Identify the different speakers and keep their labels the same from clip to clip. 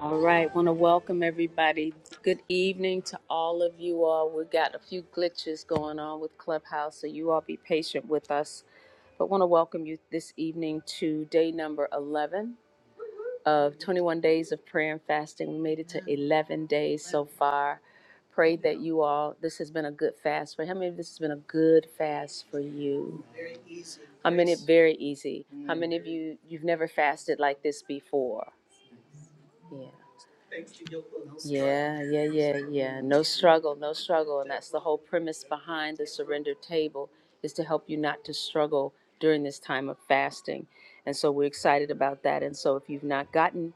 Speaker 1: All right, want to welcome everybody. Good evening to all of you all. We've got a few glitches going on with Clubhouse, so you all be patient with us. But want to welcome you this evening to day number 11 of 21 days of prayer and fasting. We made it to 11 days so far. Pray that you all, this has been a good fast for How many of this has been a good fast for you? I mean, it very easy. How many of you, you've never fasted like this before? Yeah. Yeah, yeah, yeah, yeah. No struggle, no struggle. And that's the whole premise behind the surrender table is to help you not to struggle during this time of fasting. And so we're excited about that. And so if you've not gotten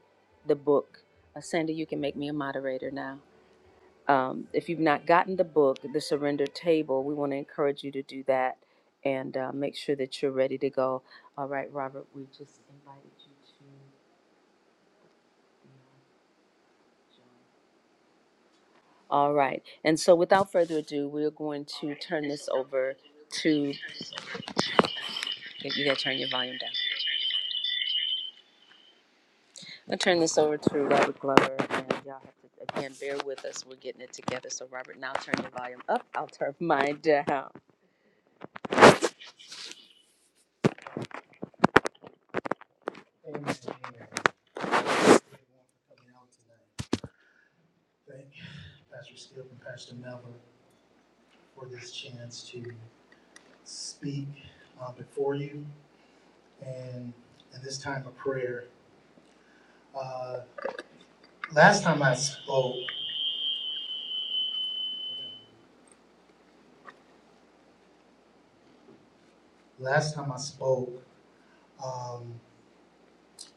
Speaker 1: the book, uh, Sandy, you can make me a moderator now. Um, if you've not gotten the book, The Surrender Table, we want to encourage you to do that and uh, make sure that you're ready to go. All right, Robert, we just invited you to. All right. And so without further ado, we're going to turn this over to, you gotta turn your volume down. I'll turn this over to Robert Glover and y'all have to, again, bear with us. We're getting it together. So Robert, now turn your volume up. I'll turn mine down. Amen. Thank Pastor Skip and Pastor Melvin for this chance to speak uh, before you and in this time of prayer. Uh, last time I spoke, last time I spoke, um,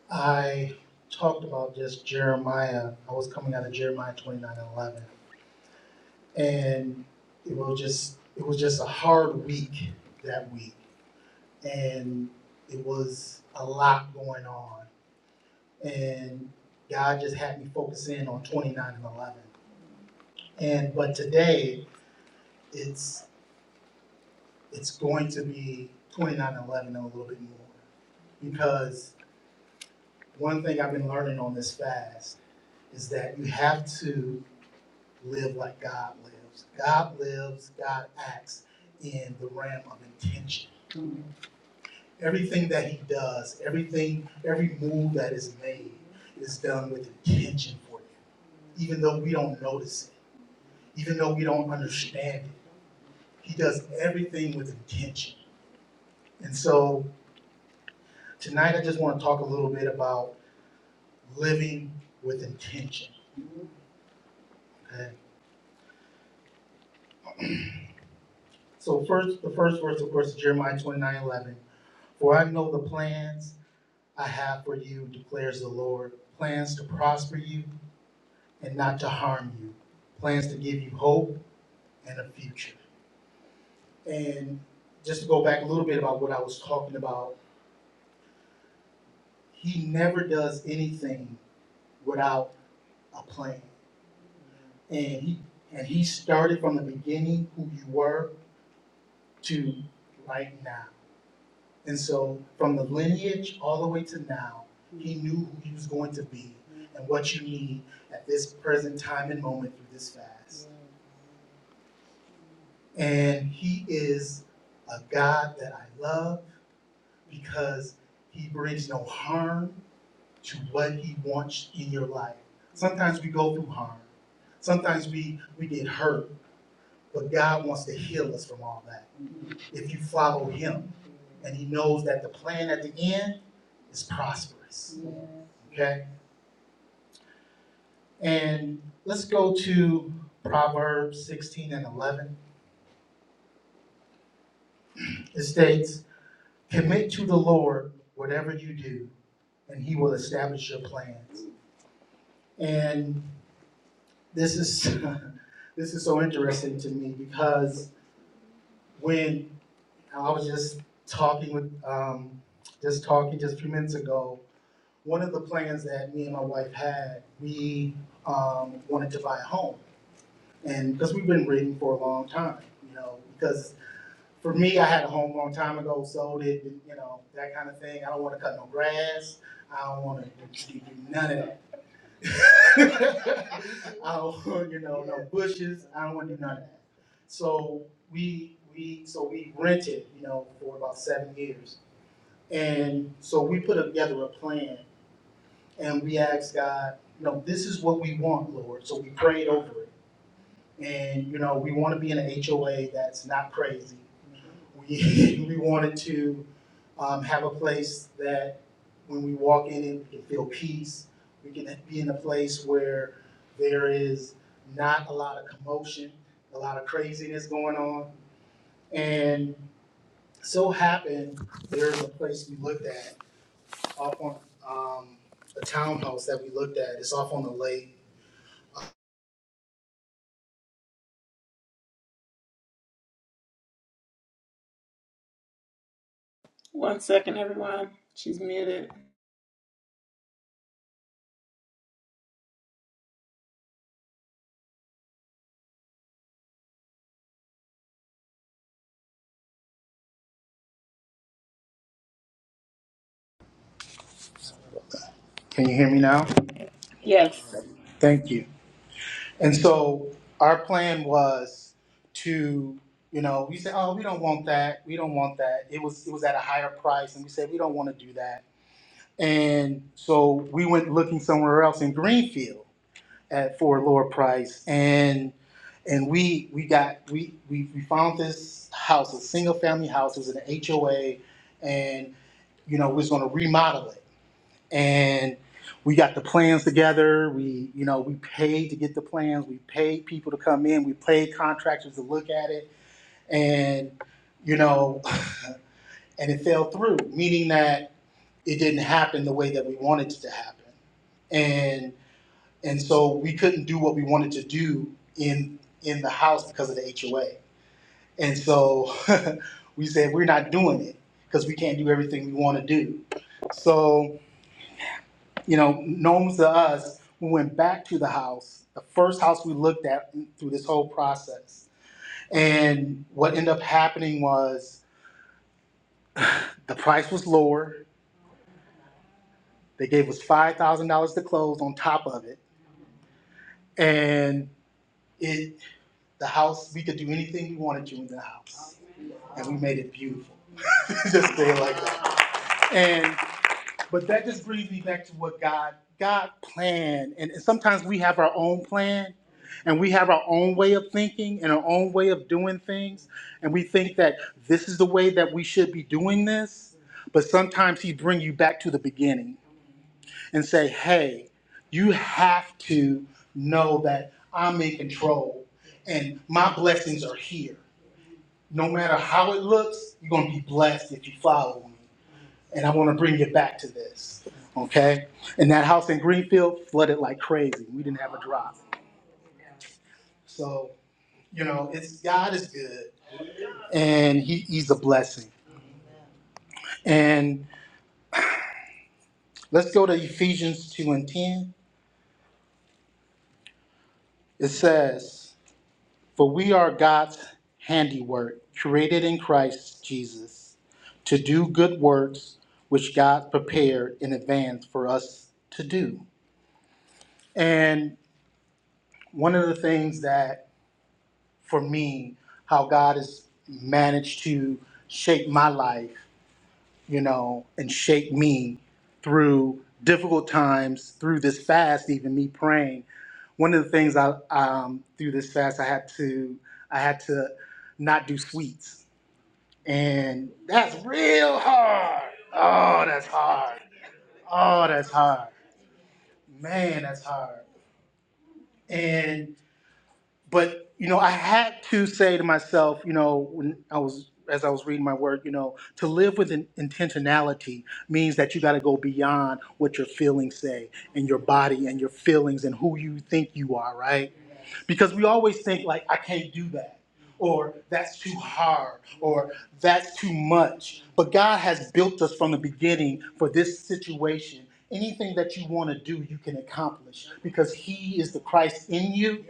Speaker 1: I talked about just Jeremiah. I was coming out of Jeremiah twenty nine and eleven, and it was just it was just a hard week that week, and it was a lot going on, and God just had me focus in on twenty nine and eleven. And but today it's it's going to be twenty nine and eleven and a little bit more, because one thing I've been learning on this fast is that you have to live like God lives. God lives, God acts in the realm of intention. Mm-hmm. Everything that he does, everything, every move that is made is done with intention for you, even though we don't notice it, even though we don't understand it. He does everything with intention. And so tonight I just want to talk a little bit about living with intention. Okay. So first the first verse of course is Jeremiah 29 11. For I know the plans I have for you, declares the Lord plans to prosper you and not to harm you, plans to give you hope and a future. And just to go back a little bit about what I was talking about, he never does anything without a plan. And he and he started from the beginning who you were to right now. And so from the lineage all the way to now, he knew who he was going to be and what you need at this present time and moment through this fast. And he is a God that I love because he brings no harm to what he wants in your life. Sometimes we go through harm. Sometimes we, we get hurt, but God wants to heal us from all that. If you follow him and he knows that the plan at the end is prosperous. Okay? And let's go to Proverbs 16 and 11. It states, Commit to the Lord whatever you do, and he will establish your plans. And this is this is so interesting to me because when I was just talking with um, just talking just a few minutes ago, one of the plans that me and my wife had, we um, wanted to buy a home, and because we've been waiting for a long time, you know, because for me, I had a home a long time ago, sold it, you know, that kind of thing. I don't want to cut no grass. I don't want to do none of that. I don't want, you know, no bushes. I don't want to do none of that. So we we so we rented, you know, for about seven years, and so we put together a plan, and we asked God, you know, this is what we want, Lord. So we prayed over it, and you know, we want to be in an HOA that's not crazy. We we wanted to um, have a place that when we walk in it, we can feel peace. We can be in a place where there is not a lot of commotion, a lot of craziness going on. And so happened, there is a place we looked at off on um, a townhouse that we looked at. It's off on the lake.
Speaker 2: One second, everyone. She's muted.
Speaker 3: Can you hear me now?
Speaker 2: Yes.
Speaker 3: Thank you. And so our plan was to, you know, we said, oh, we don't want that. We don't want that. It was it was at a higher price, and we said we don't want to do that. And so we went looking somewhere else in Greenfield at for a lower price, and and we we got we we, we found this house, a single family house, it was an HOA, and you know we was going to remodel it and we got the plans together. We, you know, we paid to get the plans. We paid people to come in. We paid contractors to look at it, and you know, and it fell through, meaning that it didn't happen the way that we wanted it to happen, and and so we couldn't do what we wanted to do in in the house because of the HOA, and so we said we're not doing it because we can't do everything we want to do, so. you know, known to us, we went back to the house, the first house we looked at through this whole process. And what ended up happening was the price was lower. They gave us five thousand dollars to close on top of it, and it the house we could do anything we wanted to in the house, and we made it beautiful. Just say it like that. And. But that just brings me back to what God God planned, and sometimes we have our own plan, and we have our own way of thinking and our own way of doing things, and we think that this is the way that we should be doing this. But sometimes He bring you back to the beginning and say, "Hey, you have to know that I'm in control, and my blessings are here. No matter how it looks, you're gonna be blessed if you follow me." and I want to bring you back to this, okay? And that house in Greenfield flooded like crazy. We didn't have a drop. So, you know, it's God is good, and He, He's a blessing. And let's go to Ephesians two and ten. It says, "For we are God's handiwork, created in Christ Jesus, to do good works which God prepared in advance for us to do." And one of the things that for me how God has managed to shape my life, you know, and shape me through difficult times, through this fast, even me praying. One of the things I um, through this fast, I had to I had to not do sweets, and that's real hard. Oh, that's hard. Oh, that's hard. Man, that's hard. And. but you know i had to say to myself you know when i was as i was reading my work you know to live with an intentionality means that you got to go beyond what your feelings say and your body and your feelings and who you think you are right because we always think like i can't do that or that's too hard or that's too much but god has built us from the beginning for this situation anything that you want to do you can accomplish because he is the christ in you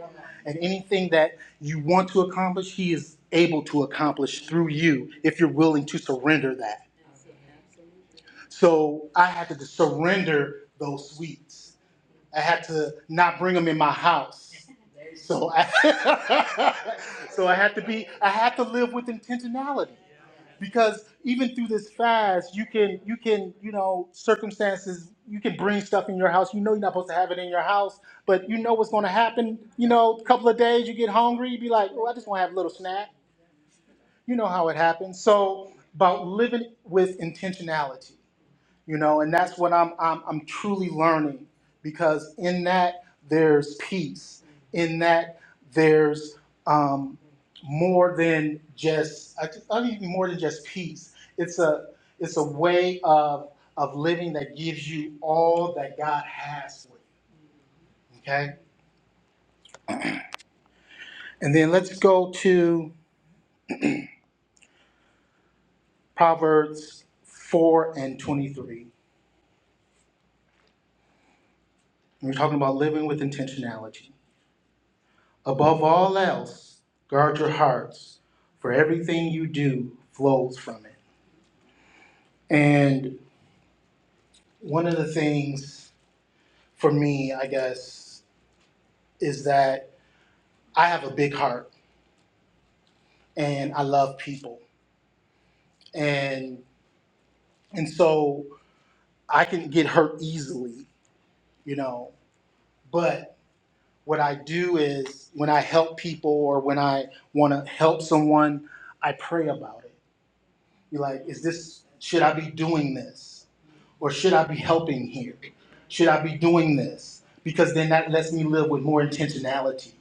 Speaker 3: and anything that you want to accomplish, He is able to accomplish through you if you're willing to surrender that. So I had to surrender those sweets. I had to not bring them in my house. So I, so I had to be, I had to live with intentionality because even through this fast, you can, you can, you know, circumstances, you can bring stuff in your house. You know, you're not supposed to have it in your house, but you know what's going to happen. You know, a couple of days, you get hungry, you be like, oh, I just want to have a little snack. You know how it happens. So about living with intentionality you know and that's what i'm i'm, I'm truly learning because in that there's peace in that there's um, more than just I, I mean more than just peace it's a it's a way of of living that gives you all that god has for you okay and then let's go to proverbs 4 and 23 we're talking about living with intentionality Above all else, guard your hearts, for everything you do flows from it. And one of the things for me, I guess, is that I have a big heart and I love people. And and so I can get hurt easily, you know. But what I do is when I help people or when I want to help someone, I pray about it. You're like, is this should I be doing this? or should I be helping here? Should I be doing this? Because then that lets me live with more intentionality,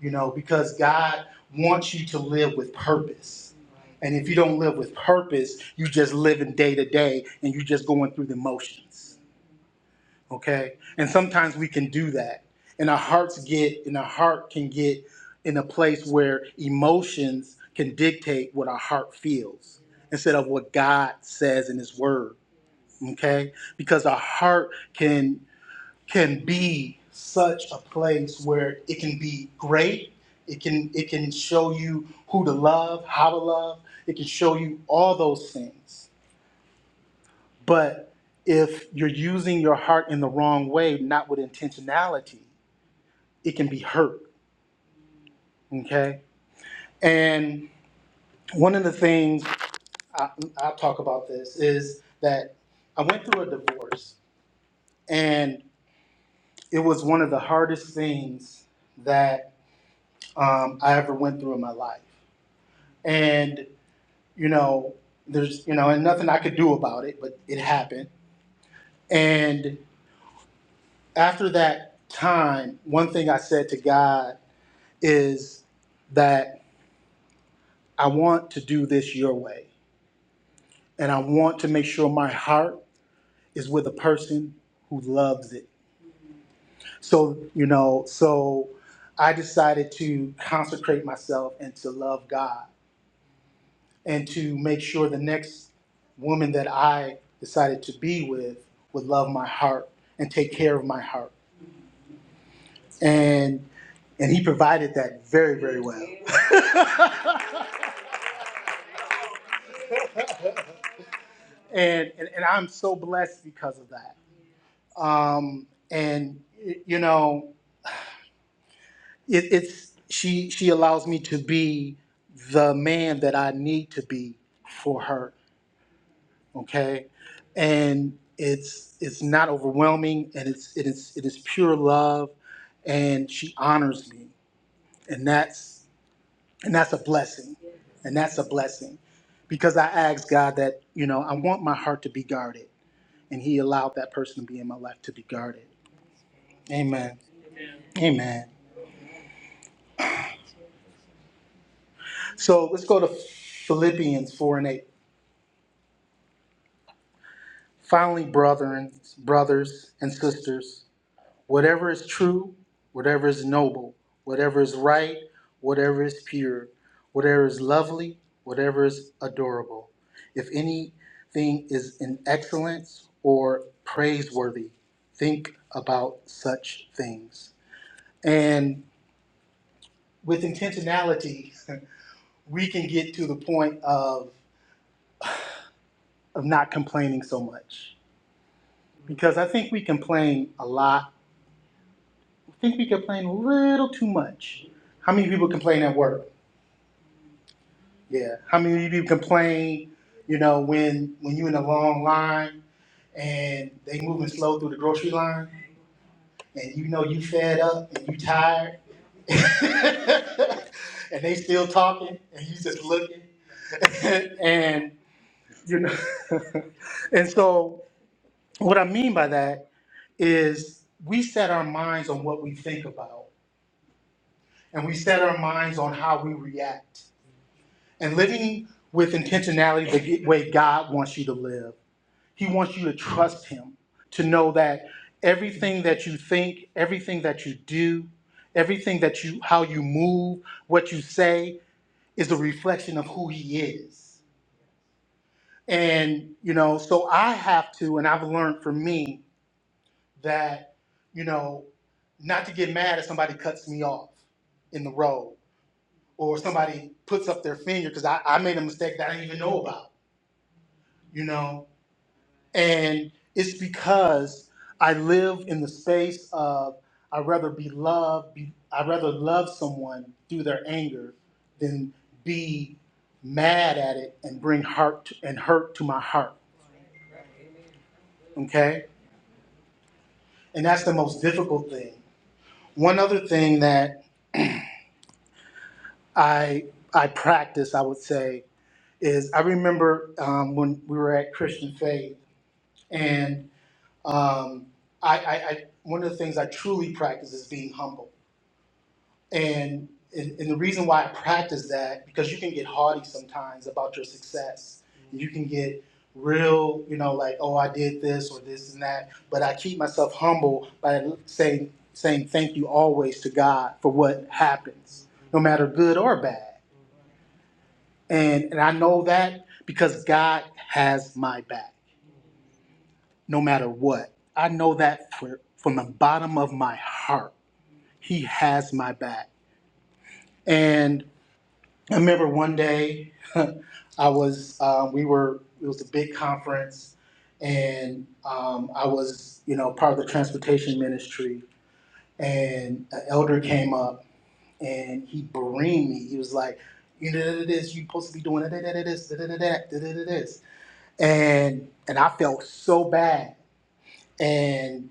Speaker 3: you know, because God wants you to live with purpose. And if you don't live with purpose, you just living day to day and you are just going through the motions. Okay? And sometimes we can do that. And our hearts get and our heart can get in a place where emotions can dictate what our heart feels instead of what God says in his word okay because our heart can can be such a place where it can be great it can it can show you who to love how to love it can show you all those things but if you're using your heart in the wrong way not with intentionality it can be hurt okay and one of the things I, i'll talk about this is that i went through a divorce and. it was one of the hardest things that um, I ever went through in my life. And, you know, there's, you know, and nothing I could do about it, but it happened. And after that time, one thing I said to God is that I want to do this your way. And I want to make sure my heart is with a person who loves it. So, you know, so I decided to consecrate myself and to love God and to make sure the next woman that I decided to be with would love my heart and take care of my heart. And and he provided that very, very well. and, and and I'm so blessed because of that. Um, and you know, it, it's she she allows me to be the man that I need to be for her okay and it's it's not overwhelming and it's it is it is pure love and she honors me and that's and that's a blessing and that's a blessing because i asked god that you know i want my heart to be guarded and he allowed that person to be in my life to be guarded amen amen so let's go to philippians 4 and 8 finally brethren brothers and sisters whatever is true, whatever is noble, whatever is right, whatever is pure, whatever is lovely, whatever is adorable, if anything is in excellence or praiseworthy, think about such things. And with intentionality, we can get to the point of, of not complaining so much. Because I think we complain a lot. I think we complain a little too much. How many people complain at work? Yeah. How many of you complain, you know, when when you're in a long line and they moving slow through the grocery line and you know you fed up and you tired and they still talking and you just looking and you know and so what I mean by that is we set our minds on what we think about and we set our minds on how we react and living with intentionality the way God wants you to live He wants you to trust Him, to know that everything that you think, everything that you do, everything that you, how you move, what you say is a reflection of who He is. And, you know, so I have to, and I've learned for me that, you know, not to get mad if somebody cuts me off in the road or somebody puts up their finger because I, I made a mistake that I didn't even know about, you know. And it's because I live in the space of I'd rather be loved, be, I'd rather love someone through their anger than be mad at it and bring hurt and hurt to my heart. Okay? And that's the most difficult thing. One other thing that I I practice, I would say, is I remember um, when we were at Christian Faith, and um, I, I, I one of the things I truly practice is being humble And, and and the reason why I practice that because you can get haughty sometimes about your success. Mm-hmm. You can get real, you know, like oh I did this or this and that. But I keep myself humble by saying saying thank you always to God for what happens, no matter good or bad. And and I know that because God has my back, no matter what. I know that for, from the bottom of my heart. He has my back. and. I remember one day I was um, we were it was a big conference and um, I was you know part of the transportation ministry and an elder came up and he berated me. He was like, you know this, you supposed to be doing da da da this, da da da da da da this, and and I felt so bad and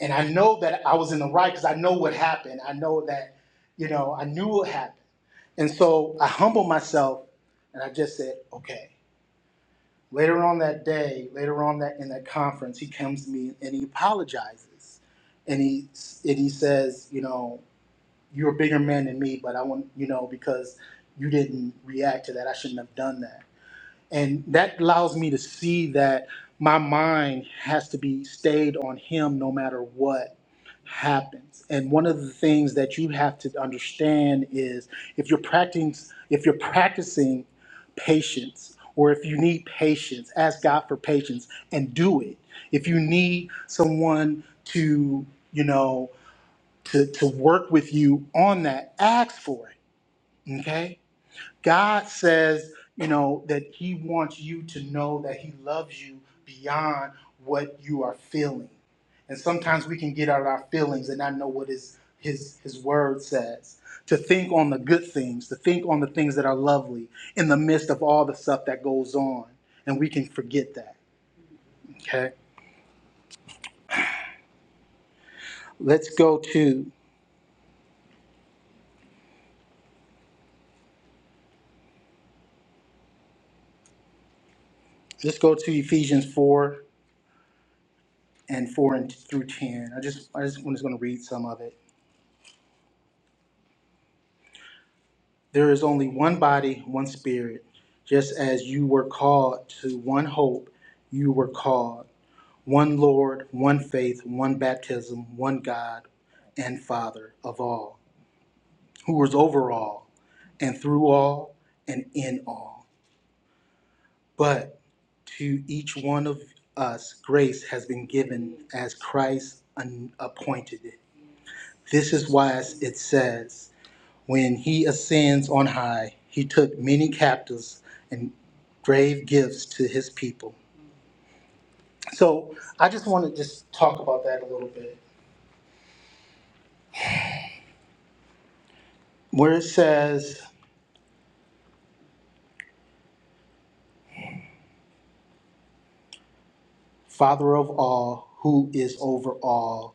Speaker 3: and I know that I was in the right because I know what happened. I know that you know I knew what happened and so I humbled myself and I just said, okay. Later on that day, later on that in that conference, he comes to me and he apologizes. And he and he says, you know, you're a bigger man than me, but I want you know, because you didn't react to that, I shouldn't have done that and that allows me to see that my mind has to be stayed on him no matter what happens and one of the things that you have to understand is if you're practicing if you're practicing patience or if you need patience ask god for patience and do it if you need someone to you know to, to work with you on that ask for it okay God says, you know, that He wants you to know that He loves you beyond what you are feeling. And sometimes we can get out of our feelings and not know what His His His Word says. To think on the good things, to think on the things that are lovely in the midst of all the stuff that goes on, and we can forget that. Okay, let's go to let's go to Ephesians four and four and through ten. I just I just I'm just going to read some of it. There is only one body, one spirit. Just as you were called to one hope, you were called. One Lord, one faith, one baptism, one God and Father of all, who is over all, and through all, and in all. But to each one of us, grace has been given as Christ appointed it. This is why it says, When he ascends on high, he took many captives and gave gifts to his people. So I just want to just talk about that a little bit. Where it says, Father of all, who is over all,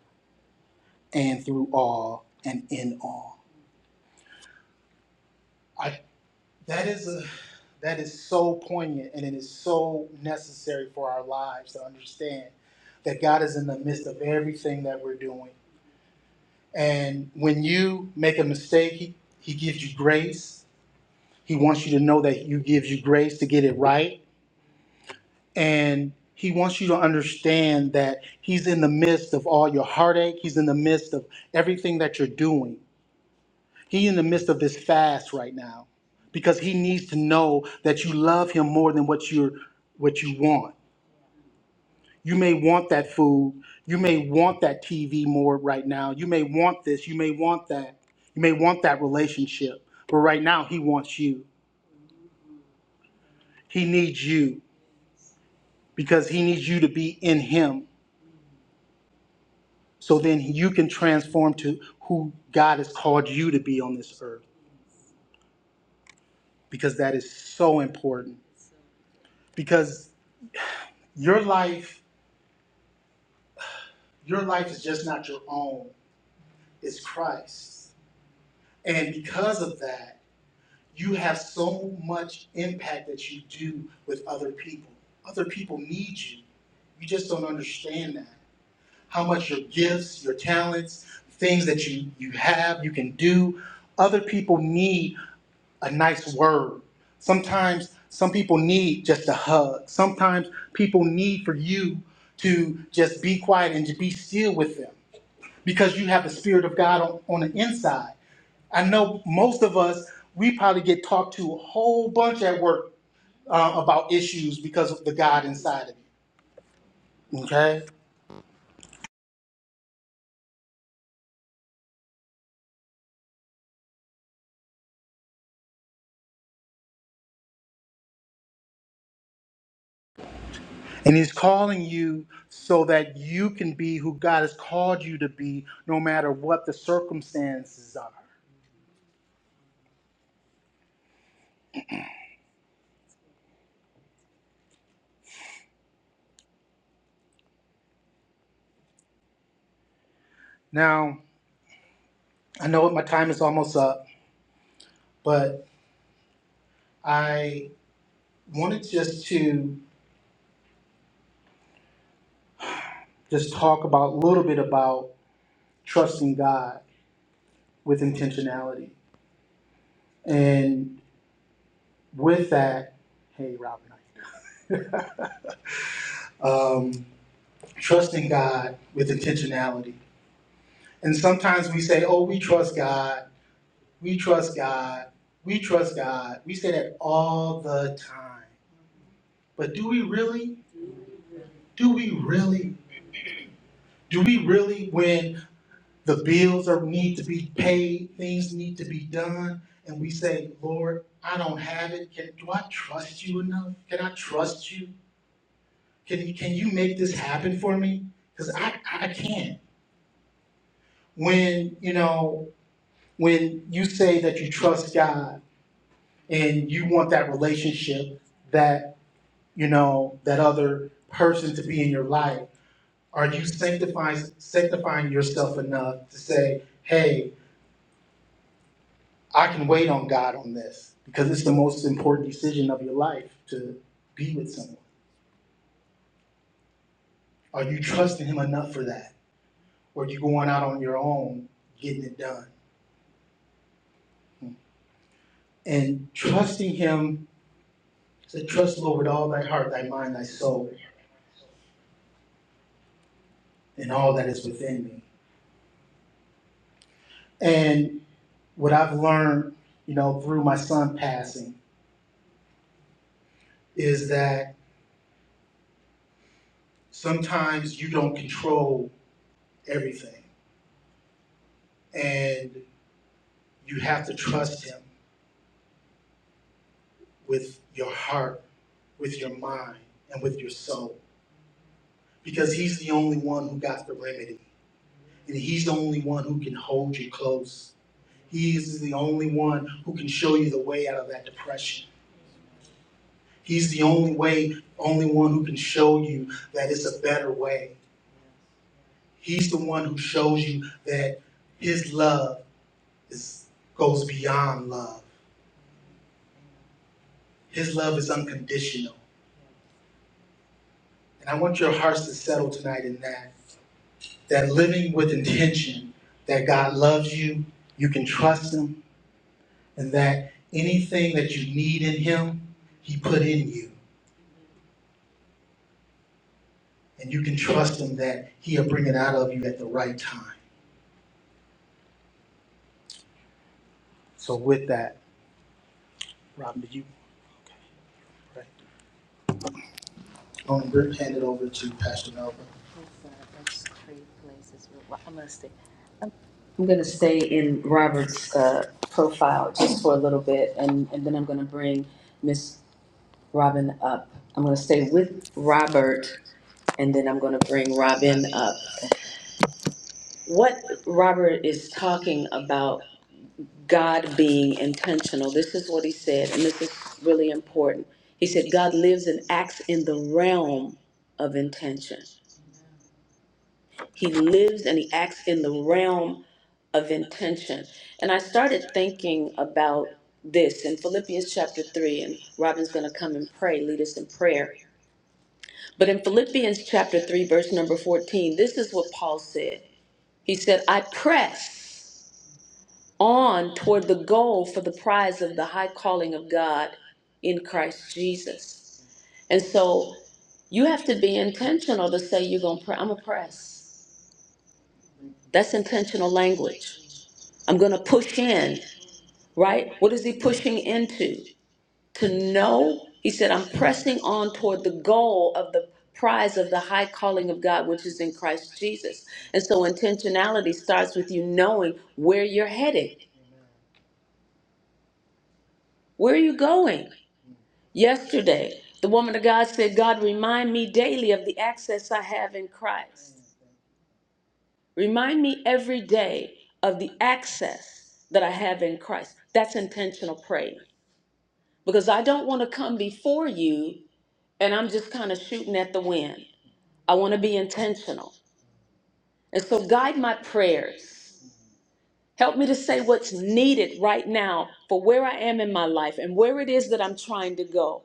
Speaker 3: and through all, and in all. I, that is a that is so poignant and it is so necessary for our lives to understand that God is in the midst of everything that we're doing. And when you make a mistake, he, he gives you grace. He wants you to know that you gives you grace to get it right. And he wants you to understand that he's in the midst of all your heartache. He's in the midst of everything that you're doing. He's in the midst of this fast right now because he needs to know that you love him more than what you're what you want. You may want that food. You may want that TV more right now. You may want this. You may want that. You may want that relationship. But right now, He wants you. He needs you because He needs you to be in Him so then you can transform to who God has called you to be on this earth because that is so important. Because your life, your life is just not your own, it's Christ. And because of that, you have so much impact that you do with other people. Other people need you. You just don't understand that. How much your gifts, your talents, things that you, you have, you can do. Other people need a nice word. Sometimes some people need just a hug. Sometimes people need for you to just be quiet and to be still with them because you have the Spirit of God on, on the inside. I know most of us, we probably get talked to a whole bunch at work uh, about issues because of the God inside of you. Okay? And He's calling you so that you can be who God has called you to be, no matter what the circumstances are. Now, I know my time is almost up, but I wanted just to just talk about a little bit about trusting God with intentionality. And with that, hey, Robin, um, trusting God with intentionality. And sometimes we say, oh, we trust God, we trust God, we trust God. We say that all the time. But do we really? Do we really? Do we really when the bills are need to be paid, things need to be done, and we say, Lord, I don't have it. Can, do I trust you enough? Can I trust you? can, you, can you make this happen for me? Because I, I can't. When, you know, when you say that you trust God and you want that relationship, that, you know, that other person to be in your life, are you sanctifying, sanctifying yourself enough to say, hey, I can wait on God on this because it's the most important decision of your life to be with someone? Are you trusting Him enough for that? Or are you going out on your own, getting it done? Hmm. and trusting him said, trust the Lord with all thy heart, thy mind, thy soul, and all that is within me. And what I've learned, you know, through my son passing is that sometimes you don't control everything and you have to trust him with your heart, with your mind, and with your soul because he's the only one who got the remedy and he's the only one who can hold you close. He is the only one who can show you the way out of that depression. He's the only way, only one who can show you that it's a better way. He's the one who shows you that his love is goes beyond love. His love is unconditional. And I want your hearts to settle tonight in that. That living with intention that God loves you, you can trust him, and that anything that you need in him, he put in you. And you can trust him that he'll bring it out of you at the right time. So with that, Robin, did you okay, right. going to hand it over to Pastor Melba. I'm gonna stay in Robert's uh, profile just for a little bit, and, and then I'm gonna bring Miss Robin up. I'm gonna stay with Robert, and then I'm gonna bring Robin up. What Robert is talking about, God being intentional, this is what he said, and this is really important. He said, God lives and acts in the realm of intention. He lives and he acts in the realm of intention. And I started thinking about this in Philippians chapter 3, and Robin's going to come and pray, lead us in prayer. But in Philippians chapter 3, verse number 14, this is what Paul said. He said, I press on toward the goal for the prize of the high calling of God in Christ Jesus. And so you have to be intentional to say you're going to pray. I'm going to press. That's intentional language. I'm going to push in, right? What is he pushing into? To know, he said, I'm pressing on toward the goal of the prize of the high calling of God, which is in Christ Jesus. And so intentionality starts with you knowing where you're headed. Where are you going? Yesterday, the woman of God said, God, remind me daily of the access I have in Christ. Remind me every day of the access that I have in Christ. That's intentional praying because I don't want to come before you and I'm just kind of shooting at the wind. I want to be intentional. And so guide my prayers. Help me to say what's needed right now for where I am in my life and where it is that I'm trying to go.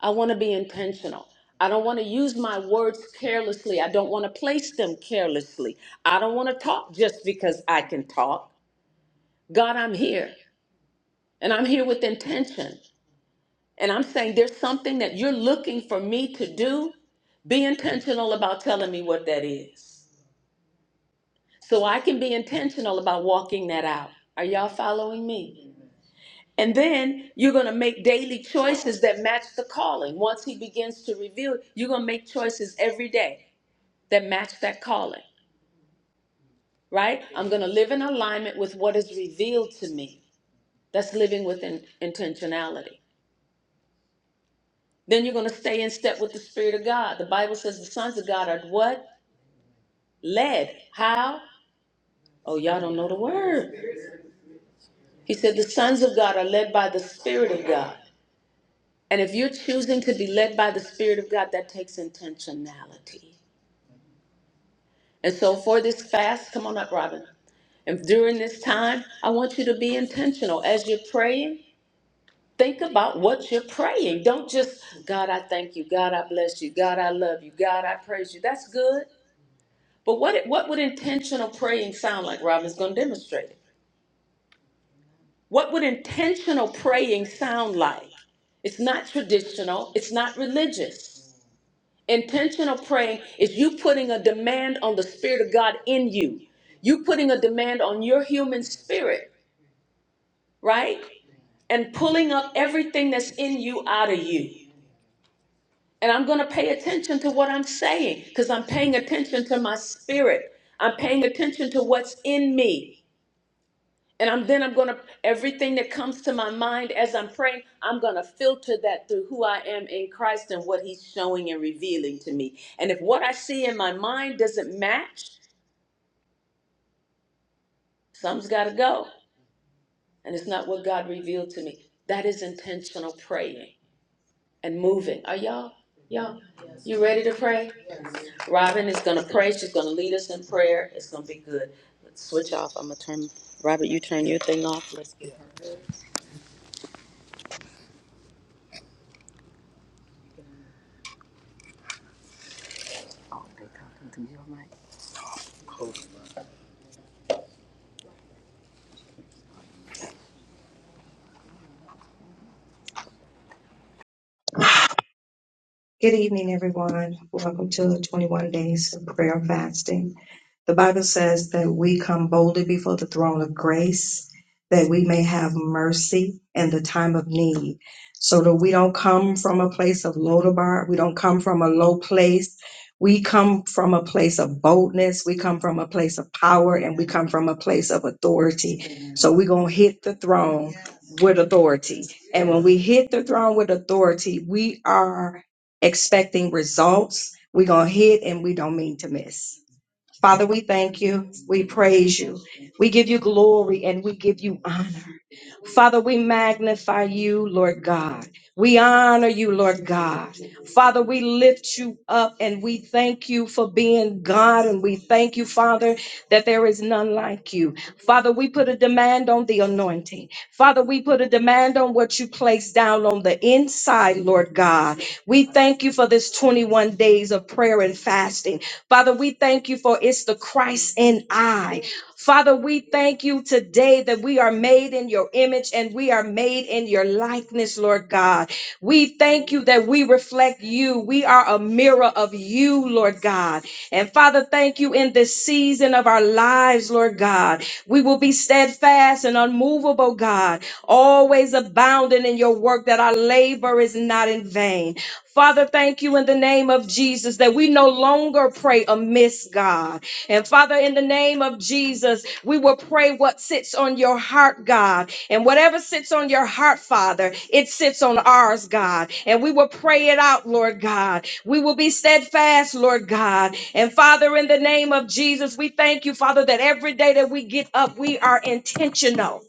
Speaker 3: I want to be intentional. I don't want to use my words carelessly. I don't want to place them carelessly. I don't want to talk just because I can talk. God, I'm here. And I'm here with intention. And I'm saying there's something that you're looking for me to do. Be intentional about telling me what that is. So I can be intentional about walking that out. Are y'all following me? And then you're going to make daily choices that match the calling. Once he begins to reveal, you're going to make choices every day that match that calling, right? I'm going to live in alignment with what is revealed to me. That's living with in- intentionality. Then you're going to stay in step with the Spirit of God. The Bible says the sons of God are what? Led. How? Oh, y'all don't know the word. He said the sons of God are led by the Spirit of God. And if you're choosing to be led by the Spirit of God, that takes intentionality. And so for this fast, come on up, Robin. And during this time, I want you to be intentional. As you're praying, think about what you're praying. Don't just, God, I thank you. God, I bless you. God, I love you. God, I praise you. That's good. But what, what would intentional praying sound like? Robin's going to demonstrate it. What would intentional praying sound like? It's not traditional, it's not religious. Intentional praying is you putting a demand on the Spirit of God in you. You putting a demand on your human spirit, right? And pulling up everything that's in you out of you. And I'm going to pay attention to what I'm saying because I'm paying attention to my spirit. I'm paying attention to what's in me. And I'm then I'm gonna everything that comes to my mind as I'm praying, I'm gonna filter that through who I am in Christ and what He's showing and revealing to me. And if what I see in my mind doesn't match, some's gotta go. And it's not what God revealed to me. That is intentional praying and moving. Are y'all y'all you ready to pray? Robin is gonna pray. She's gonna lead us in prayer. It's gonna be good. Switch off. I'm gonna turn Robert, you turn your thing off.
Speaker 4: Good evening, everyone. Welcome to 21 Days of Prayer and Fasting. The Bible says that we come boldly before the throne of grace that we may have mercy in the time of need. So that we don't come from a place of Lodabar, we don't come from a low place. We come from a place of boldness, we come from a place of power, and we come from a place of authority. So we're going to hit the throne with authority. And when we hit the throne with authority, we are expecting results. We're going to hit and we don't mean to miss. Father, we thank you. We praise you. We give you glory and we give you honor. Father, we magnify you, Lord God. We honor you, Lord God. Father, we lift you up and we thank you for being God. And we thank you, Father, that there is none like you. Father, we put a demand on the anointing. Father, we put a demand on what you place down on the inside, Lord God. We thank you for this 21 days of prayer and fasting. Father, we thank you for it's the Christ in I. Father, we thank you today that we are made in your image and we are made in your likeness, Lord God. We thank you that we reflect you. We are a mirror of you, Lord God. And Father, thank you in this season of our lives, Lord God. We will be steadfast and unmovable, God, always abounding in your work that our labor is not in vain. Father, thank you in the name of Jesus that we no longer pray amiss, God. And Father, in the name of Jesus, we will pray what sits on your heart, God. And whatever sits on your heart, Father, it sits on ours, God. And we will pray it out, Lord God. We will be steadfast, Lord God. And Father, in the name of Jesus, we thank you, Father, that every day that we get up, we are intentional.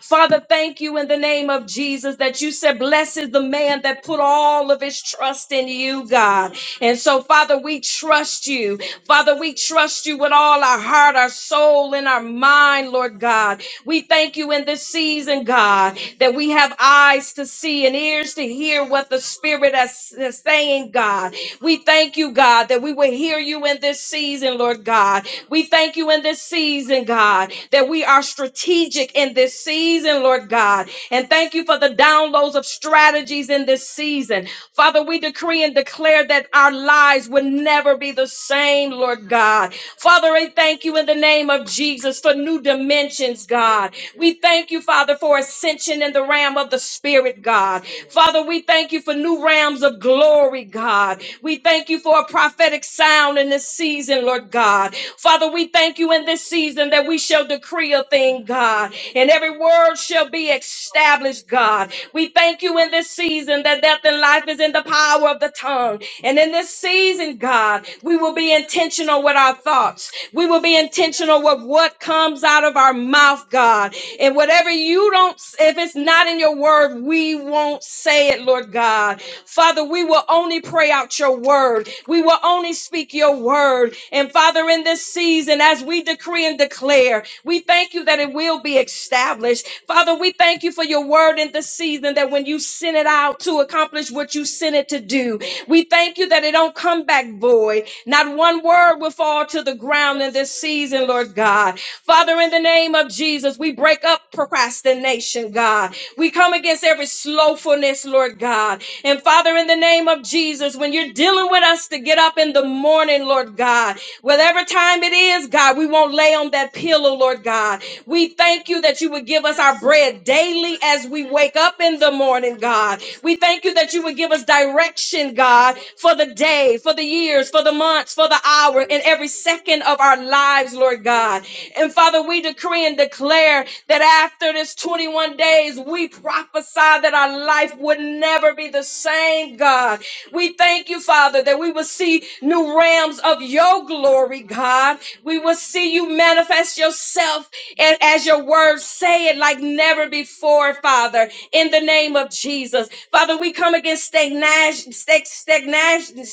Speaker 4: Father, thank you in the name of Jesus that you said, Blessed is the man that put all of his trust in you, God. And so, Father, we trust you. Father, we trust you with all our heart, our soul, and our mind, Lord God. We thank you in this season, God, that we have eyes to see and ears to hear what the Spirit is, is saying, God. We thank you, God, that we will hear you in this season, Lord God. We thank you in this season, God, that we are strategic in this season, Lord God. Lord God. And thank you for the downloads of strategies in this season. Father, we decree and declare that our lives will never be the same, Lord God. Father, I thank you in the name of Jesus for new dimensions, God. We thank you, Father, for ascension in the realm of the Spirit, God. Father, we thank you for new realms of glory, God. We thank you for a prophetic sound in this season, Lord God. Father, we thank you in this season that we shall decree a thing, God, and every word shall be established, God. We thank you in this season that death and life is in the power of the tongue. And in this season, God, we will be intentional with our thoughts. We will be intentional with what comes out of our mouth, God. And whatever you don't, if it's not in your word, we won't say it, Lord God. Father, we will only pray out your word. We will only speak your word. And Father, in this season, as we decree and declare, we thank you that it will be established. Father, we thank you for your word in this season that when you send it out to accomplish what you sent it to do, we thank you that it don't come back void. Not one word will fall to the ground in this season, Lord God. Father, in the name of Jesus, we break up procrastination, God. We come against every slowfulness, Lord God. And Father, in the name of Jesus, when you're dealing with us to get up in the morning, Lord God, whatever time it is, God, we won't lay on that pillow, Lord God. We thank you that you would give us our bread daily as we wake up in the morning, God. We thank you that you would give us direction, God, for the day, for the years, for the months, for the hour, and every second of our lives, Lord God. And Father, we decree and declare that after this 21 days, we prophesy that our life would never be the same, God. We thank you, Father, that we will see new realms of your glory, God. We will see you manifest yourself and as your words say it like never before, Father, in the name of Jesus. Father, we come against stagnation, stag- stagnation,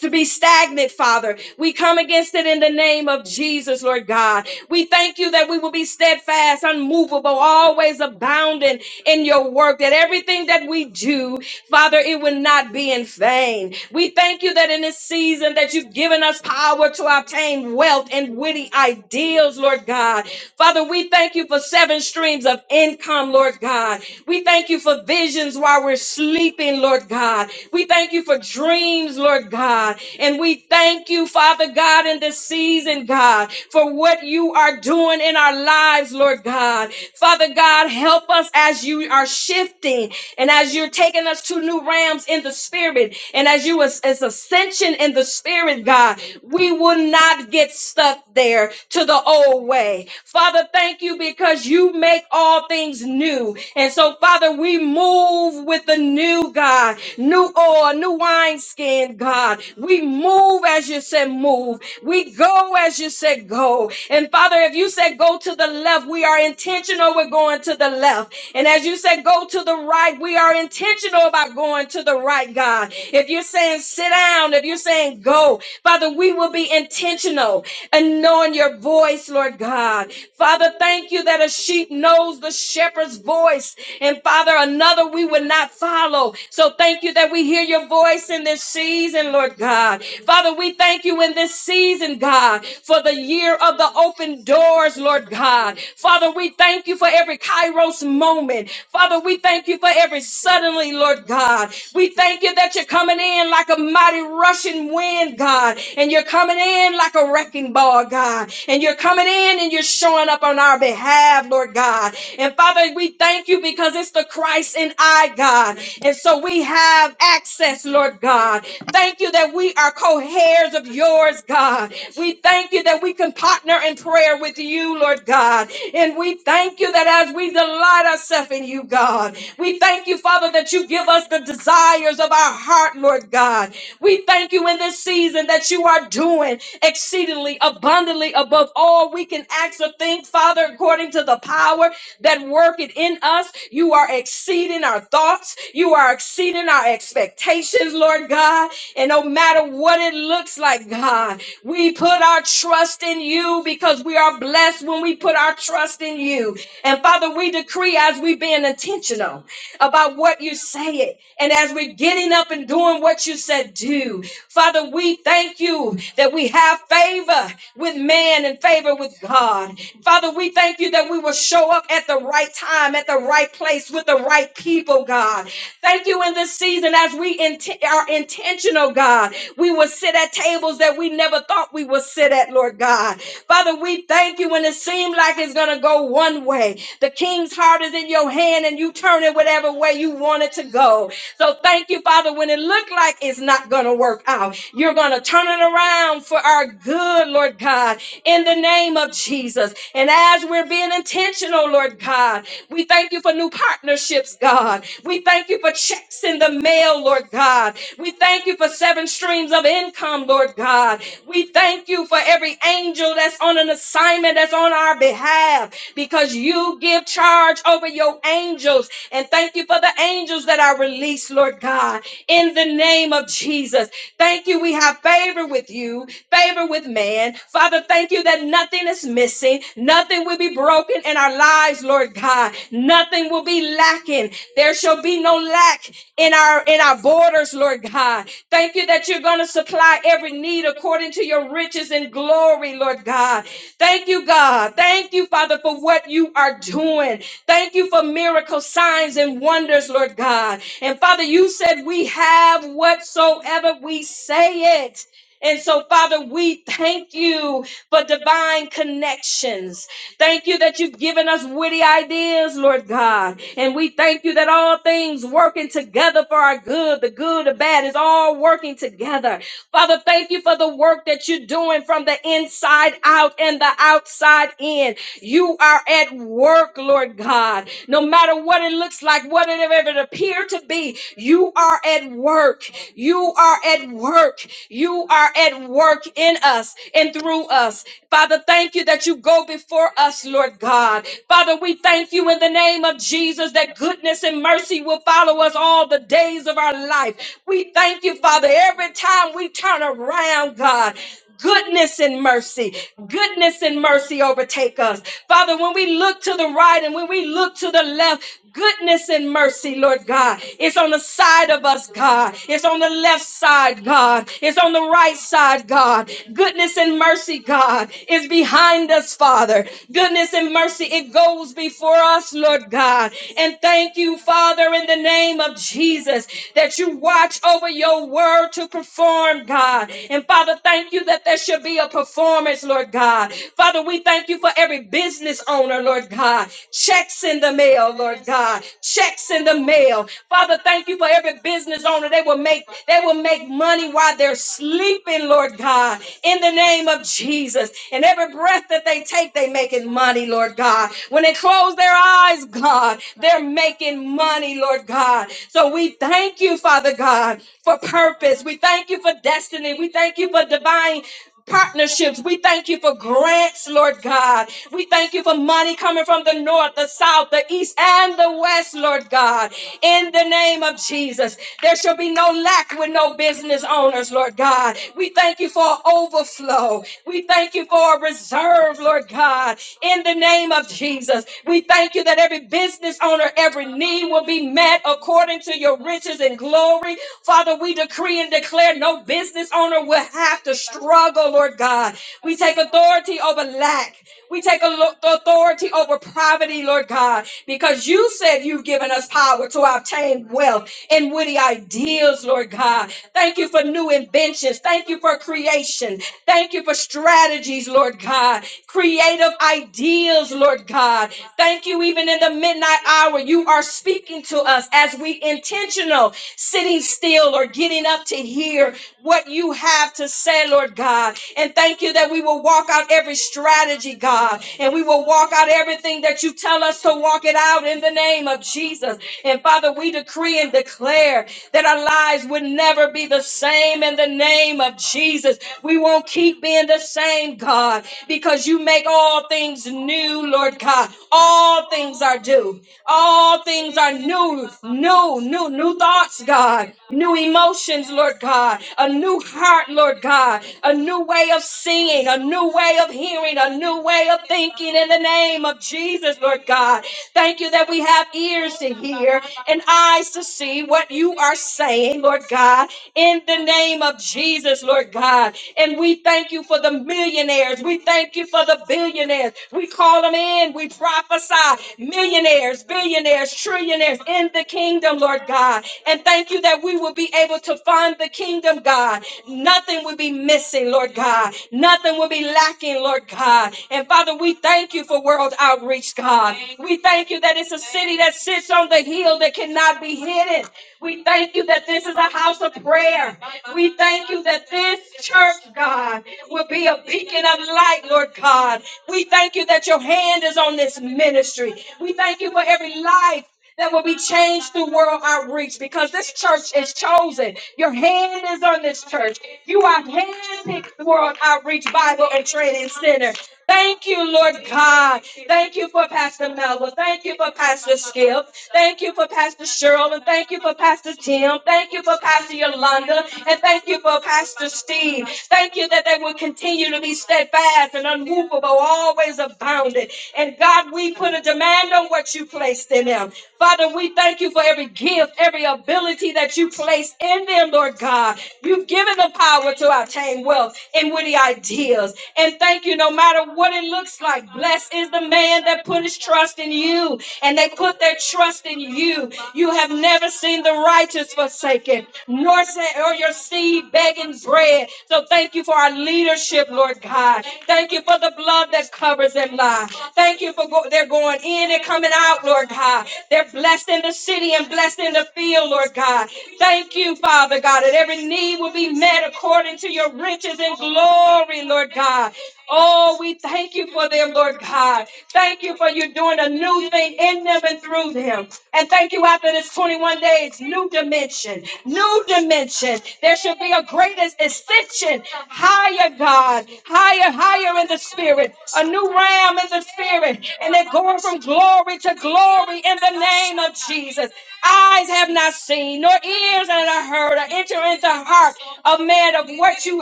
Speaker 4: to be stagnant, Father. We come against it in the name of Jesus, Lord God. We thank you that we will be steadfast, unmovable, always abounding in your work, that everything that we do Father, it will not be in vain. We thank you that in this season that you've given us power to obtain wealth and witty ideals, Lord God. Father, we thank you for seven streams of income, Lord God. We thank you for visions while we're sleeping, Lord God. We thank you for dreams, Lord God. And we thank you, Father God, in this season, God, for what you are doing in our lives, Lord God. Father God, God, help us as you are shifting and as you're taking us to new realms in the spirit and as you as, as ascension in the spirit, God, we will not get stuck there to the old way. Father, thank you because you make all things new. And so, Father, we move with the new God, new oil, new wineskin, God. We move as you said, move. We go as you said, go go. And Father, if you said go to the left, we are intentional with going to the left. And as you said go to the right, we are intentional about going to the right, God. If you're saying sit down, if you're saying go, Father, we will be intentional and knowing your voice, Lord God. Father, thank you that a sheep knows the shepherd's voice. And Father, another we would not follow. So thank you that we hear your voice in this season, Lord God. God. Father, we thank you in this season, God, for the year of the open doors, Lord God. Father, we thank you for every kairos moment. Father, we thank you for every suddenly, Lord God. We thank you that you're coming in like a mighty rushing wind, God, and you're coming in like a wrecking ball, God, and you're coming in and you're showing up on our behalf, Lord God. And Father, we thank you because it's the Christ in I, God. And so we have access, Lord God. Thank you that we are co heirs of yours, God. We thank you that we can partner in prayer with you, Lord God. And we thank you that as we delight ourselves in you, God, we thank you, Father, that you give us the desires of our heart, Lord God. We thank you in this season that you are doing exceedingly abundantly above all we can ask or think, Father, according to the power that worketh in us. You are exceeding our thoughts. You are exceeding our expectations, Lord God. And no matter what it looks like, God, we put our trust in you because we are blessed when we put our trust in you. And Father, we decree as we being intentional about what you say it, and as we're getting up and doing what you said do, Father, we thank you that we have favor with man and favor with God. Father, we thank you that we will show up at the right time, at the right place with the right people, God. Thank you in this season as we int- are intentional, God. We will sit at tables that we never thought we would sit at, Lord God. Father, we thank you when it seemed like it's going to go one way. The king's heart is in your hand and you turn it whatever way you want it to go. So thank you, Father, when it looked like it's not going to work out. You're going to turn it around for our good, Lord God, in the name of Jesus. And as we're being intentional, Lord God, God. We thank you for new partnerships, God. We thank you for checks in the mail, Lord God. We thank you for seven streams of income, Lord God. We thank you for every angel that's on an assignment that's on our behalf because you give charge over your angels. And thank you for the angels that are released, Lord God, in the name of Jesus. Thank you. We have favor with you, favor with man. Father, thank you that nothing Nothing is missing. Nothing will be broken in our lives, Lord God. Nothing will be lacking. There shall be no lack in our in our borders, Lord God. Thank you that you're going to supply every need according to your riches and glory, Lord God. Thank you, God. Thank you, Father, for what you are doing. Thank you for miracles, signs, and wonders, Lord God. And Father, you said we have whatsoever we say it. And so, Father, we thank you for divine connections. Thank you that you've given us witty ideas, Lord God. And we thank you that all things working together for our good, the good, the bad is all working together. Father, thank you for the work that you're doing from the inside out and the outside in. You are at work, Lord God. No matter what it looks like, whatever it appear to be, you are at work. You are at work. You are at work in us and through us. Father, thank you that you go before us, Lord God. Father, we thank you in the name of Jesus that goodness and mercy will follow us all the days of our life. We thank you, Father, every time we turn around, God. Goodness and mercy, goodness and mercy overtake us. Father, when we look to the right and when we look to the left, goodness and mercy, Lord God. It's on the side of us, God. It's on the left side, God. It's on the right side, God. Goodness and mercy, God, is behind us, Father. Goodness and mercy, it goes before us, Lord God. And thank you, Father, in the name of Jesus, that you watch over your word to perform, God. And Father, thank you that there should be a performance, Lord God. Father, we thank you for every business owner, Lord God. Checks in the mail, Lord God. Checks in the mail. Father, thank you for every business owner. They will make they will make money while they're sleeping, Lord God, in the name of Jesus. And every breath that they take, they making money, Lord God. When they close their eyes, God, they're making money, Lord God. So we thank you, Father God, for purpose. We thank you for destiny. We thank you for divine partnerships. We thank you for grants, Lord God. We thank you for money coming from the north, the south, the east, and the west, Lord God. In the name of Jesus, there shall be no lack with no business owners, Lord God. We thank you for overflow. We thank you for reserve, Lord God, in the name of Jesus. We thank you that every business owner, every need will be met according to your riches and glory. Father, we decree and declare no business owner will have to struggle, Lord God. We take authority over lack. We take a lo- authority over poverty, Lord God, because you said you've given us power to obtain wealth and witty ideals, Lord God. Thank you for new inventions. Thank you for creation. Thank you for strategies, Lord God, creative ideas, Lord God. Thank you, even in the midnight hour, you are speaking to us as we intentional sitting still or getting up to hear what you have to say, Lord God. And thank you that we will walk out every strategy, God, and we will walk out everything that you tell us to walk it out in the name of Jesus. And Father, we decree and declare that our lives would never be the same in the name of Jesus. We won't keep being the same, God because you make all things new, Lord God. All things are due. All things are new, new, new, new thoughts, God. New emotions, Lord God. A new heart, Lord God. A new way of seeing, a new way of hearing, a new way of thinking in the name of Jesus, Lord God. Thank you that we have ears to hear and eyes to see what you are saying, Lord God, in the name of Jesus, Lord God. And we thank you for the millionaires. We thank you for the billionaires. We call them in. We prophesy millionaires, billionaires, trillionaires in the kingdom, Lord God. And thank you that we will be able to fund the kingdom, God. Nothing will be be missing, Lord God. Nothing will be lacking, Lord God. And Father, we thank you for world outreach, God. We thank you that it's a city that sits on the hill that cannot be hidden. We thank you that this is a house of prayer. We thank you that this church, God, will be a beacon of light, Lord God. We thank you that your hand is on this ministry. We thank you for every life that will be changed through world outreach because this church is chosen. Your hand is on this church. You are handpicked World Outreach Bible and Training Center. Thank you, Lord God. Thank you for Pastor Melba. Thank you for Pastor Skip. Thank you for Pastor Cheryl. And thank you for Pastor Tim. Thank you for Pastor Yolanda. And thank you for Pastor Steve. Thank you that they will continue to be steadfast and unmovable, always abounding. And God, we put a demand on what you place placed in them. Father, we thank you for every gift, every ability that you placed in them, Lord God. You've given the power to attain wealth and witty ideas. And thank you, no matter what it looks like. Blessed is the man that put his trust in you and they put their trust in you. You have never seen the righteous forsaken, nor sa- or your seed begging bread. So thank you for our leadership, Lord God. Thank you for the blood that covers them, Lord. Thank you for go- they're going in and coming coming out, Lord God. They're blessed in the city and blessed in the field, Lord God. Thank you, Father God, that every need will be met according to your riches and glory, Lord God. Oh, we thank you for them, Lord God. Thank you for you doing a new thing in them and through them. And thank you after this 21 days, new dimension, new dimension. There should be a greatest ascension, higher God, higher, higher in the spirit, a new realm in the spirit. And they're going from glory to glory in the name of Jesus. Eyes have not seen, nor ears have not heard, or enter into the heart of man of what you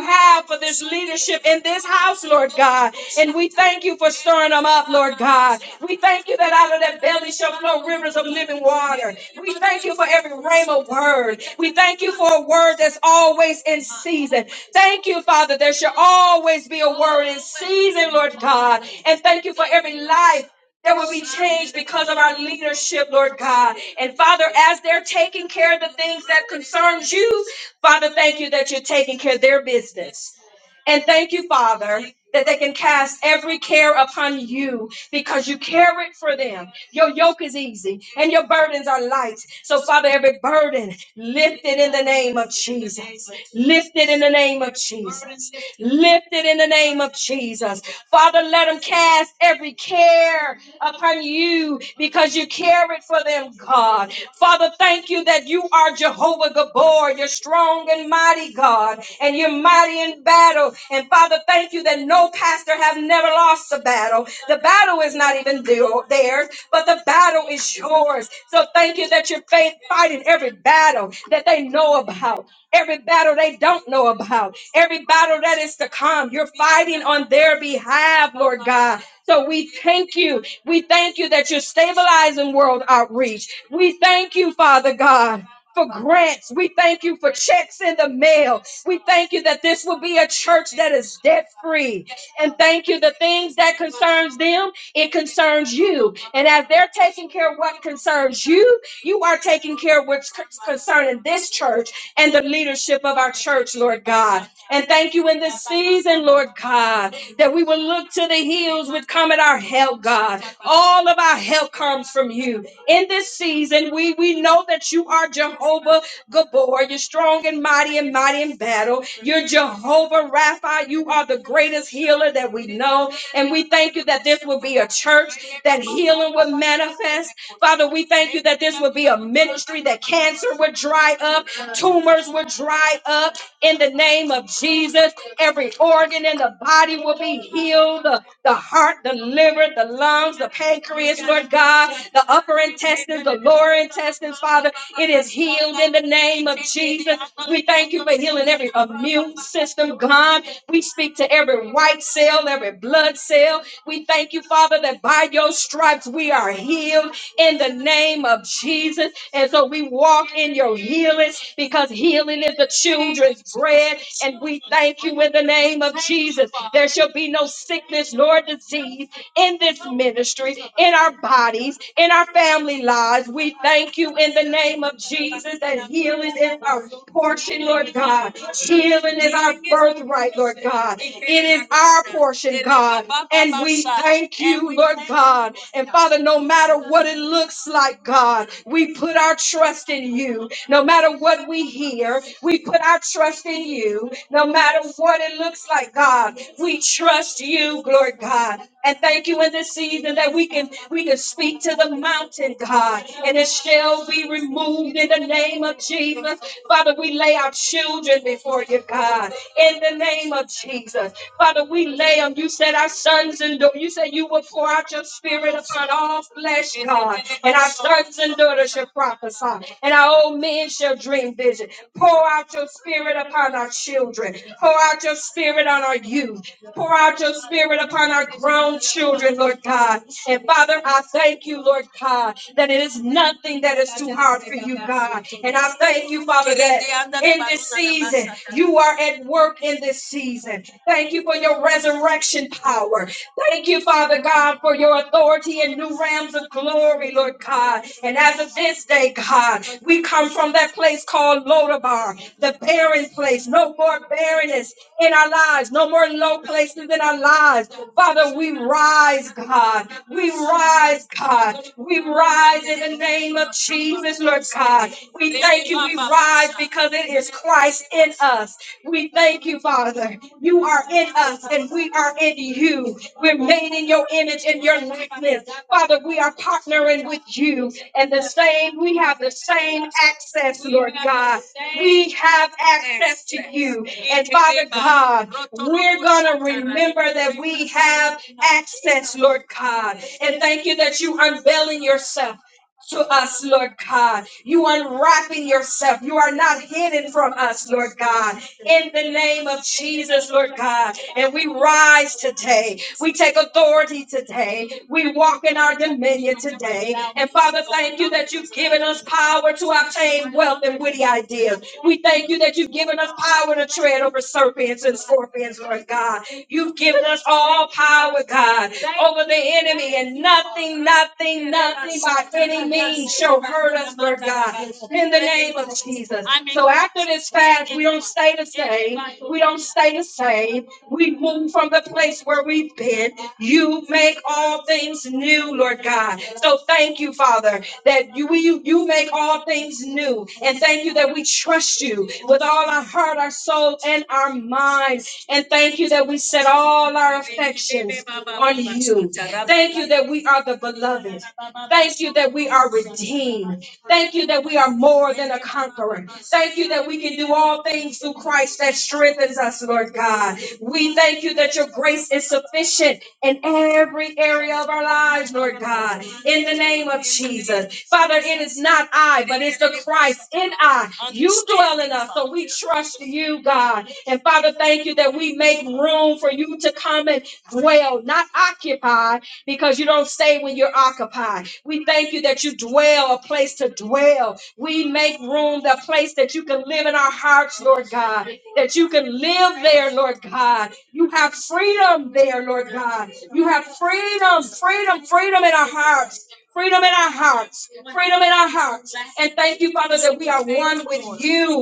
Speaker 4: have for this leadership in this house, Lord God. And we thank you for stirring them up, Lord God. We thank you that out of that belly shall flow rivers of living water. We thank you for every rhema word. We thank you for a word that's always in season. Thank you, Father. There shall always be a word in season, Lord God. And thank you for every life. There will be change because of our leadership, Lord God. And Father, as they're taking care of the things that concerns you, Father, thank you that you're taking care of their business. And thank you, Father, that they can cast every care upon you because you care it for them. Your yoke is easy and your burdens are light. So, Father, every burden lifted in the name of Jesus. Lifted in the name of Jesus. Lifted in the name of Jesus. Father, let them cast every care upon you you because you cared for them, God. Father, thank you that you are Jehovah Gabor. You're strong and mighty, God, and you're mighty in battle. And Father, thank you that no pastor have never lost a battle. The battle is not even theirs, but the battle is yours. So thank you that you're faith fighting every battle that they know about every battle they don't know about, every battle that is to come. You're fighting on their behalf, Lord God. So we thank you. We thank you that you're stabilizing world outreach. We thank you, Father God. For grants, we thank you for checks in the mail. We thank you that this will be a church that is debt free, and thank you. The things that concerns them, it concerns you, and as they're taking care of what concerns you, you are taking care of what's c- concerning this church and the leadership of our church, Lord God. And thank you in this season, Lord God, that we will look to the hills which come at our help, God. All of our help comes from you. In this season, we, we know that you are Jehovah Gabor. You're strong and mighty and mighty in battle. You're Jehovah Rapha. You are the greatest healer that we know. And we thank you that this will be a church that healing will manifest. Father, we thank you that this will be a ministry that cancer will dry up Tumors will dry up in the name of Jesus. Every organ in the body will be healed. The, the heart, the liver, the lungs, the pancreas, Lord God, the upper intestines, the lower intestines, Father, it is healed in the name of Jesus. We thank you for healing every immune system, God. We speak to every white cell, every blood cell. We thank you, Father, that by your stripes we are healed in the name of Jesus. And so we walk in your healing because healing is the children's bread. And we thank you in the name of Jesus. There shall be no sickness nor disease in this ministry, in our bodies, in our family lives. We thank you in the name of Jesus that healing is our portion, Lord God. Healing is our birthright, Lord God. It is our portion, God. And we thank you, Lord God. And Father, no matter what it looks like, God, we put our trust in you. No matter what we hear, we put our trust in you you, no matter what it looks like, God. We trust you, Lord God. And thank you in this season that we can we can speak to the mountain, God, and it shall be removed in the name of Jesus. Father, we lay our children before you, God, in the name of Jesus. Father, we lay them. You said our sons and daughters, you said you would pour out your spirit upon all flesh, God. And our sons and daughters daughters shall prophesy, and our old men shall dream vision. Pour out your spirit upon our children. Pour out your spirit on our youth. Pour out your spirit upon our grown children, Lord God. And Father, I thank you, Lord God, that it is nothing that is too hard for you, God. And I thank you, Father, that in this season, you are at work in this season. Thank you for your resurrection power. Thank you, Father God, for your authority and new realms of glory, Lord God. And as of this day, God, we come from that place called Lodabar, the barren place. No more barrenness in our lives, no more low places in our lives. Father, we rise, God. We rise, God. We rise in the name of Jesus, Lord God. We thank you. We rise because it is Christ in us. We thank you, Father. You are in us and we are in you. We're made in your image and your likeness. Father, we are partnering with you and the same, we have the same access, Lord God. We have access to you. And Father God, we're going to remember that we have access, Lord God. And thank you that you unveiling yourself to us, Lord God. You unwrapping yourself. You are not hidden from us, Lord God. In the name of Jesus, Lord God. And we rise today. We take authority today. We walk in our dominion today. And Father, thank you that you've given us power to obtain wealth and witty ideas. We thank you that you've given us power to tread over serpents and scorpions, Lord God. You've given us all power, God, over the enemy, and nothing, nothing, nothing by any means shall hurt us, Lord God, in the name of Jesus. So after this fast, we don't stay the same. We don't stay the same. We move from the place where we've been. You make all things new, Lord God. So thank you, Father, that you, you, you make all things new. And thank you that we trust you with all our heart, our soul, and our mind. And thank you that we set all our affections on you. Thank you that we are the beloved. Thank you that we are redeemed. Thank you that we are more than a conqueror. Thank you that we can do all things through Christ that strengthens us, Lord God. We thank you that your grace is sufficient in every area of our lives, Lord God, in the name of Jesus. Father, it is not I, but it's the Christ in I. You dwell in us, so we trust you, God. And Father, thank you that we make room for you to come and dwell, not occupy, because you don't stay when you're occupied. We thank you that you dwell, a place to dwell. We make room, the place that you can live in our hearts, Lord God that you can live there, Lord God. You have freedom there, Lord God. You have freedom, freedom, freedom in our hearts. Freedom in our hearts, freedom in our hearts, and thank you, Father, that we are one with you.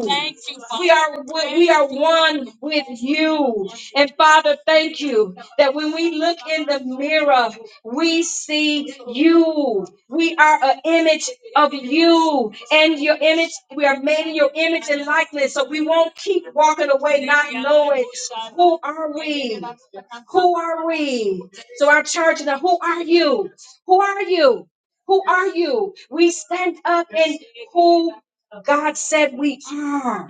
Speaker 4: We are we are one with you, and Father, thank you that when we look in the mirror, we see you. We are an image of you and your image. We are made in your image and likeness. So we won't keep walking away not knowing who are we? Who are we? So our church now, who are you? Who are you? Who are you? We stand up in who God said we are.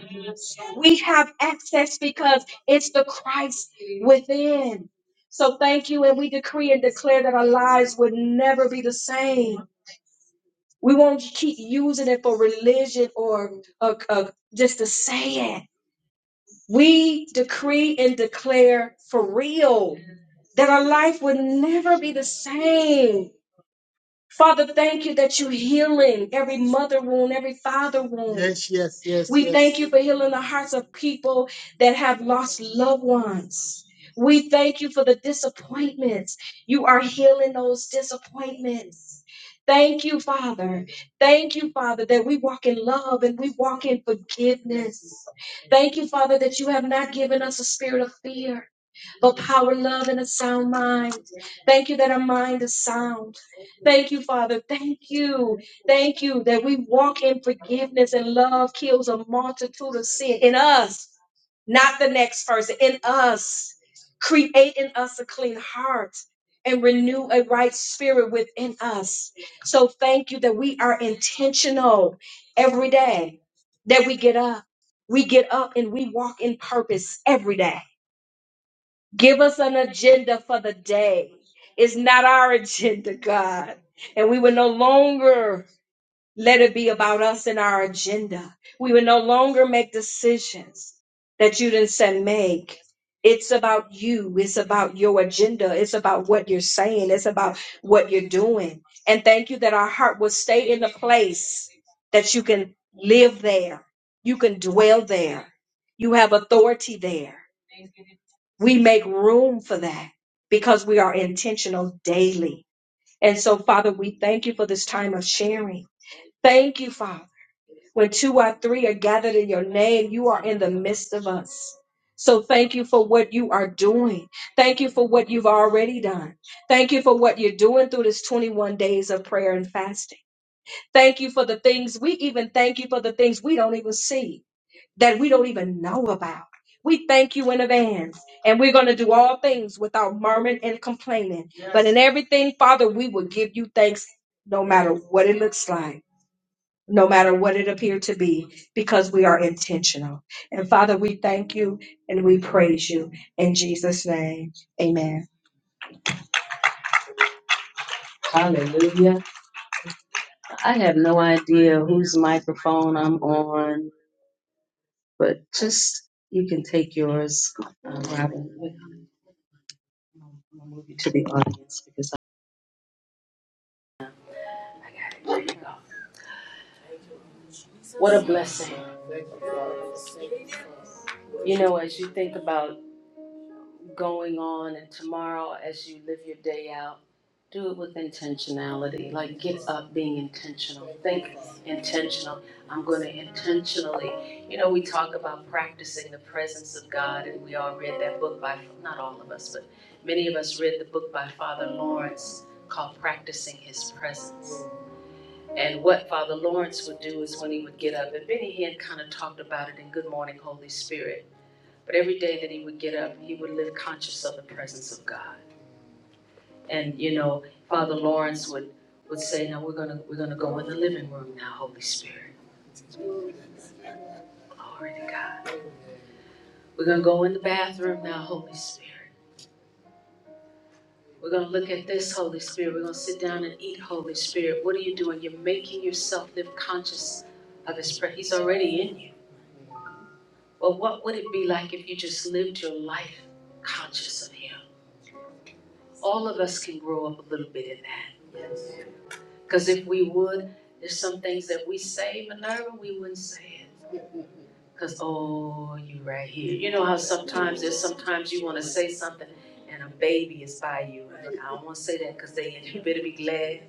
Speaker 4: We have access because it's the Christ within. So thank you, and we decree and declare that our lives would never be the same. We won't keep using it for religion or uh, uh, just to say it. We decree and declare for real that our life would never be the same. Father, thank you that you're healing every mother wound, every father wound. We yes. thank yes. you for healing the hearts of people that have lost loved ones. We thank you for the disappointments. You are healing those disappointments. Thank you, Father. Thank you, Father, that we walk in love and we walk in forgiveness. Thank you, Father, that you have not given us a spirit of fear. Oh, power, love, and a sound mind. Thank you that our mind is sound. Thank you, Father. Thank you. Thank you that we walk in forgiveness and love kills a multitude of sin in us, not the next person, in us. Create in us a clean heart and renew a right spirit within us. So thank you that we are intentional every day that we get up. We get up and we walk in purpose every day Give us an agenda for the day. It's not our agenda, God. And we will no longer let it be about us and our agenda. We will no longer make decisions that you didn't say make. It's about you. It's about your agenda. It's about what you're saying. It's about what you're doing. And thank you that our heart will stay in the place that you can live there. You can dwell there. You have authority there we make room for that because we are intentional daily. And so, Father, we thank you for this time of sharing. Thank you, Father. When two or three are gathered in your name, you are in the midst of us. So, thank you for what you are doing. Thank you for what you've already done. Thank you for what you're doing through this 21 days of prayer and fasting. Thank you for the things we even thank you for the things we don't even see that we don't even know about. We thank you in advance, and we're going to do all things without murmuring and complaining. Yes. But in everything, Father, we will give you thanks no matter what it looks like, no matter what it appeared to be, because we are intentional. And Father, we thank you and we praise you in Jesus' name. Amen. Hallelujah. I have no idea whose microphone I'm on, but just you can take yours, uh, Robin. um, I'm gonna move you to the audience because
Speaker 1: What a blessing. You know, as you think about going on and tomorrow as you live your day out do it with intentionality like get up being intentional think intentional i'm going to intentionally you know we talk about practicing the presence of god and we all read that book by not all of us but many of us read the book by father lawrence called practicing his presence and what father lawrence would do is when he would get up and benny hinn kind of talked about it in good morning holy spirit but every day that he would get up, he would live conscious of the presence of God. And you know, Father Lawrence would would say, "Now we're gonna we're gonna go in the living room now, Holy Spirit. Glory to God. We're gonna go in the bathroom now, Holy Spirit. We're gonna look at this, Holy Spirit. We're gonna sit down and eat, Holy Spirit. What are you doing? You're making yourself live conscious of His presence. He's already in you. Well, what would it be like if you just lived your life conscious of Him? All of us can grow up a little bit in that Cause if we would, there's some things that we say, Minerva, we wouldn't say it. Cause, oh, you right here. You know how sometimes, there's sometimes you wanna say something and a baby is by you. And I don't wanna say that, cause they, in. you better be glad.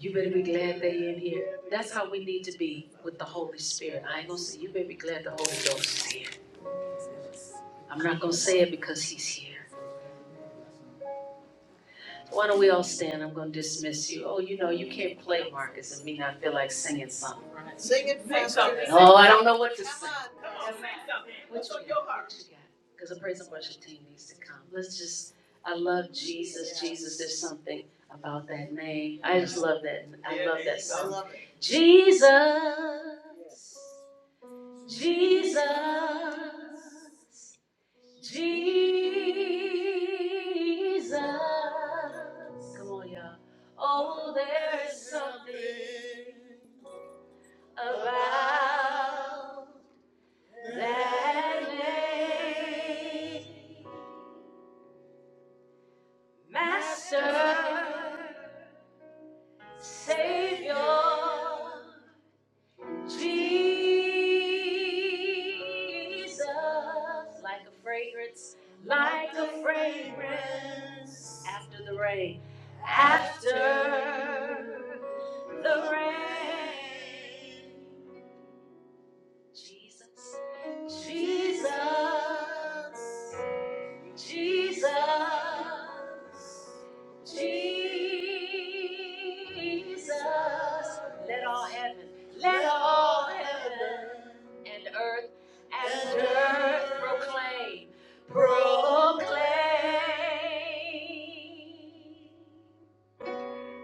Speaker 1: You better be glad they in here. That's how we need to be with the Holy Spirit. I ain't gonna say, you better be glad the Holy Ghost is here. I'm not gonna say it because he's here. Why don't we all stand? I'm gonna dismiss you. Oh, you know, you can't play Marcus and me not feel like singing something. Sing it Say faster. Oh, I don't know what to sing. on, come on. Come on, What's on you your heart? Because the praise and worship team needs to come. Let's just, I love Jesus. Jesus, there's something about that name. I just love that. I love that song. Jesus, Jesus, Jesus. Come on, y'all. Oh, there's something about that name. Master, Savior, Jesus, like a fragrance, like a fragrance after the rain, after the rain. Jesus, Jesus, Jesus, Jesus. Let all heaven, let all heaven and earth and earth proclaim, proclaim.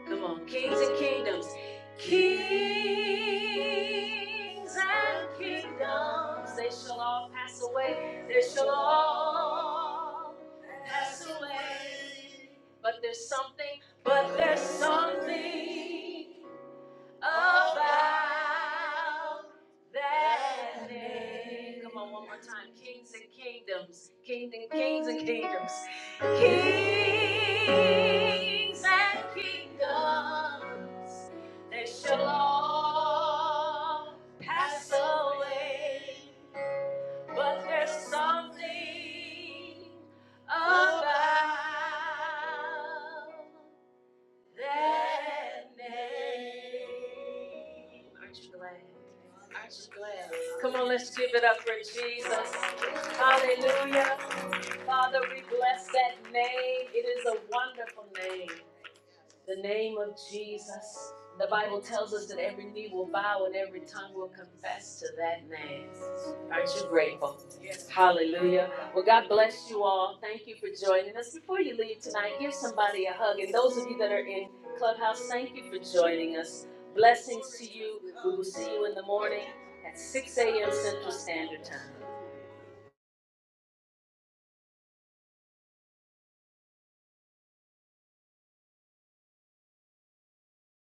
Speaker 1: Come on, kings and kingdoms. Kings and kingdoms, they shall all pass away. They shall all pass away. But there's something, but there's something about that name. Come on, one more time. Kings and kingdoms, kings and kings and kingdoms, kings and kingdoms. They shall all pass away, but there's something about. That name. Aren't you glad? Aren't you glad? Come on, let's give it up for Jesus. Hallelujah. Father, we bless that name. It is a wonderful name the name of Jesus. The Bible tells us that every knee will bow and every tongue will confess to that name. Aren't you grateful? Yes. Hallelujah. Well, God bless you all. Thank you for joining us. Before you leave tonight, give somebody a hug. And those of you that are in Clubhouse, thank you for joining us. Blessings to you. We will see you in the morning at 6 a.m. Central Standard Time.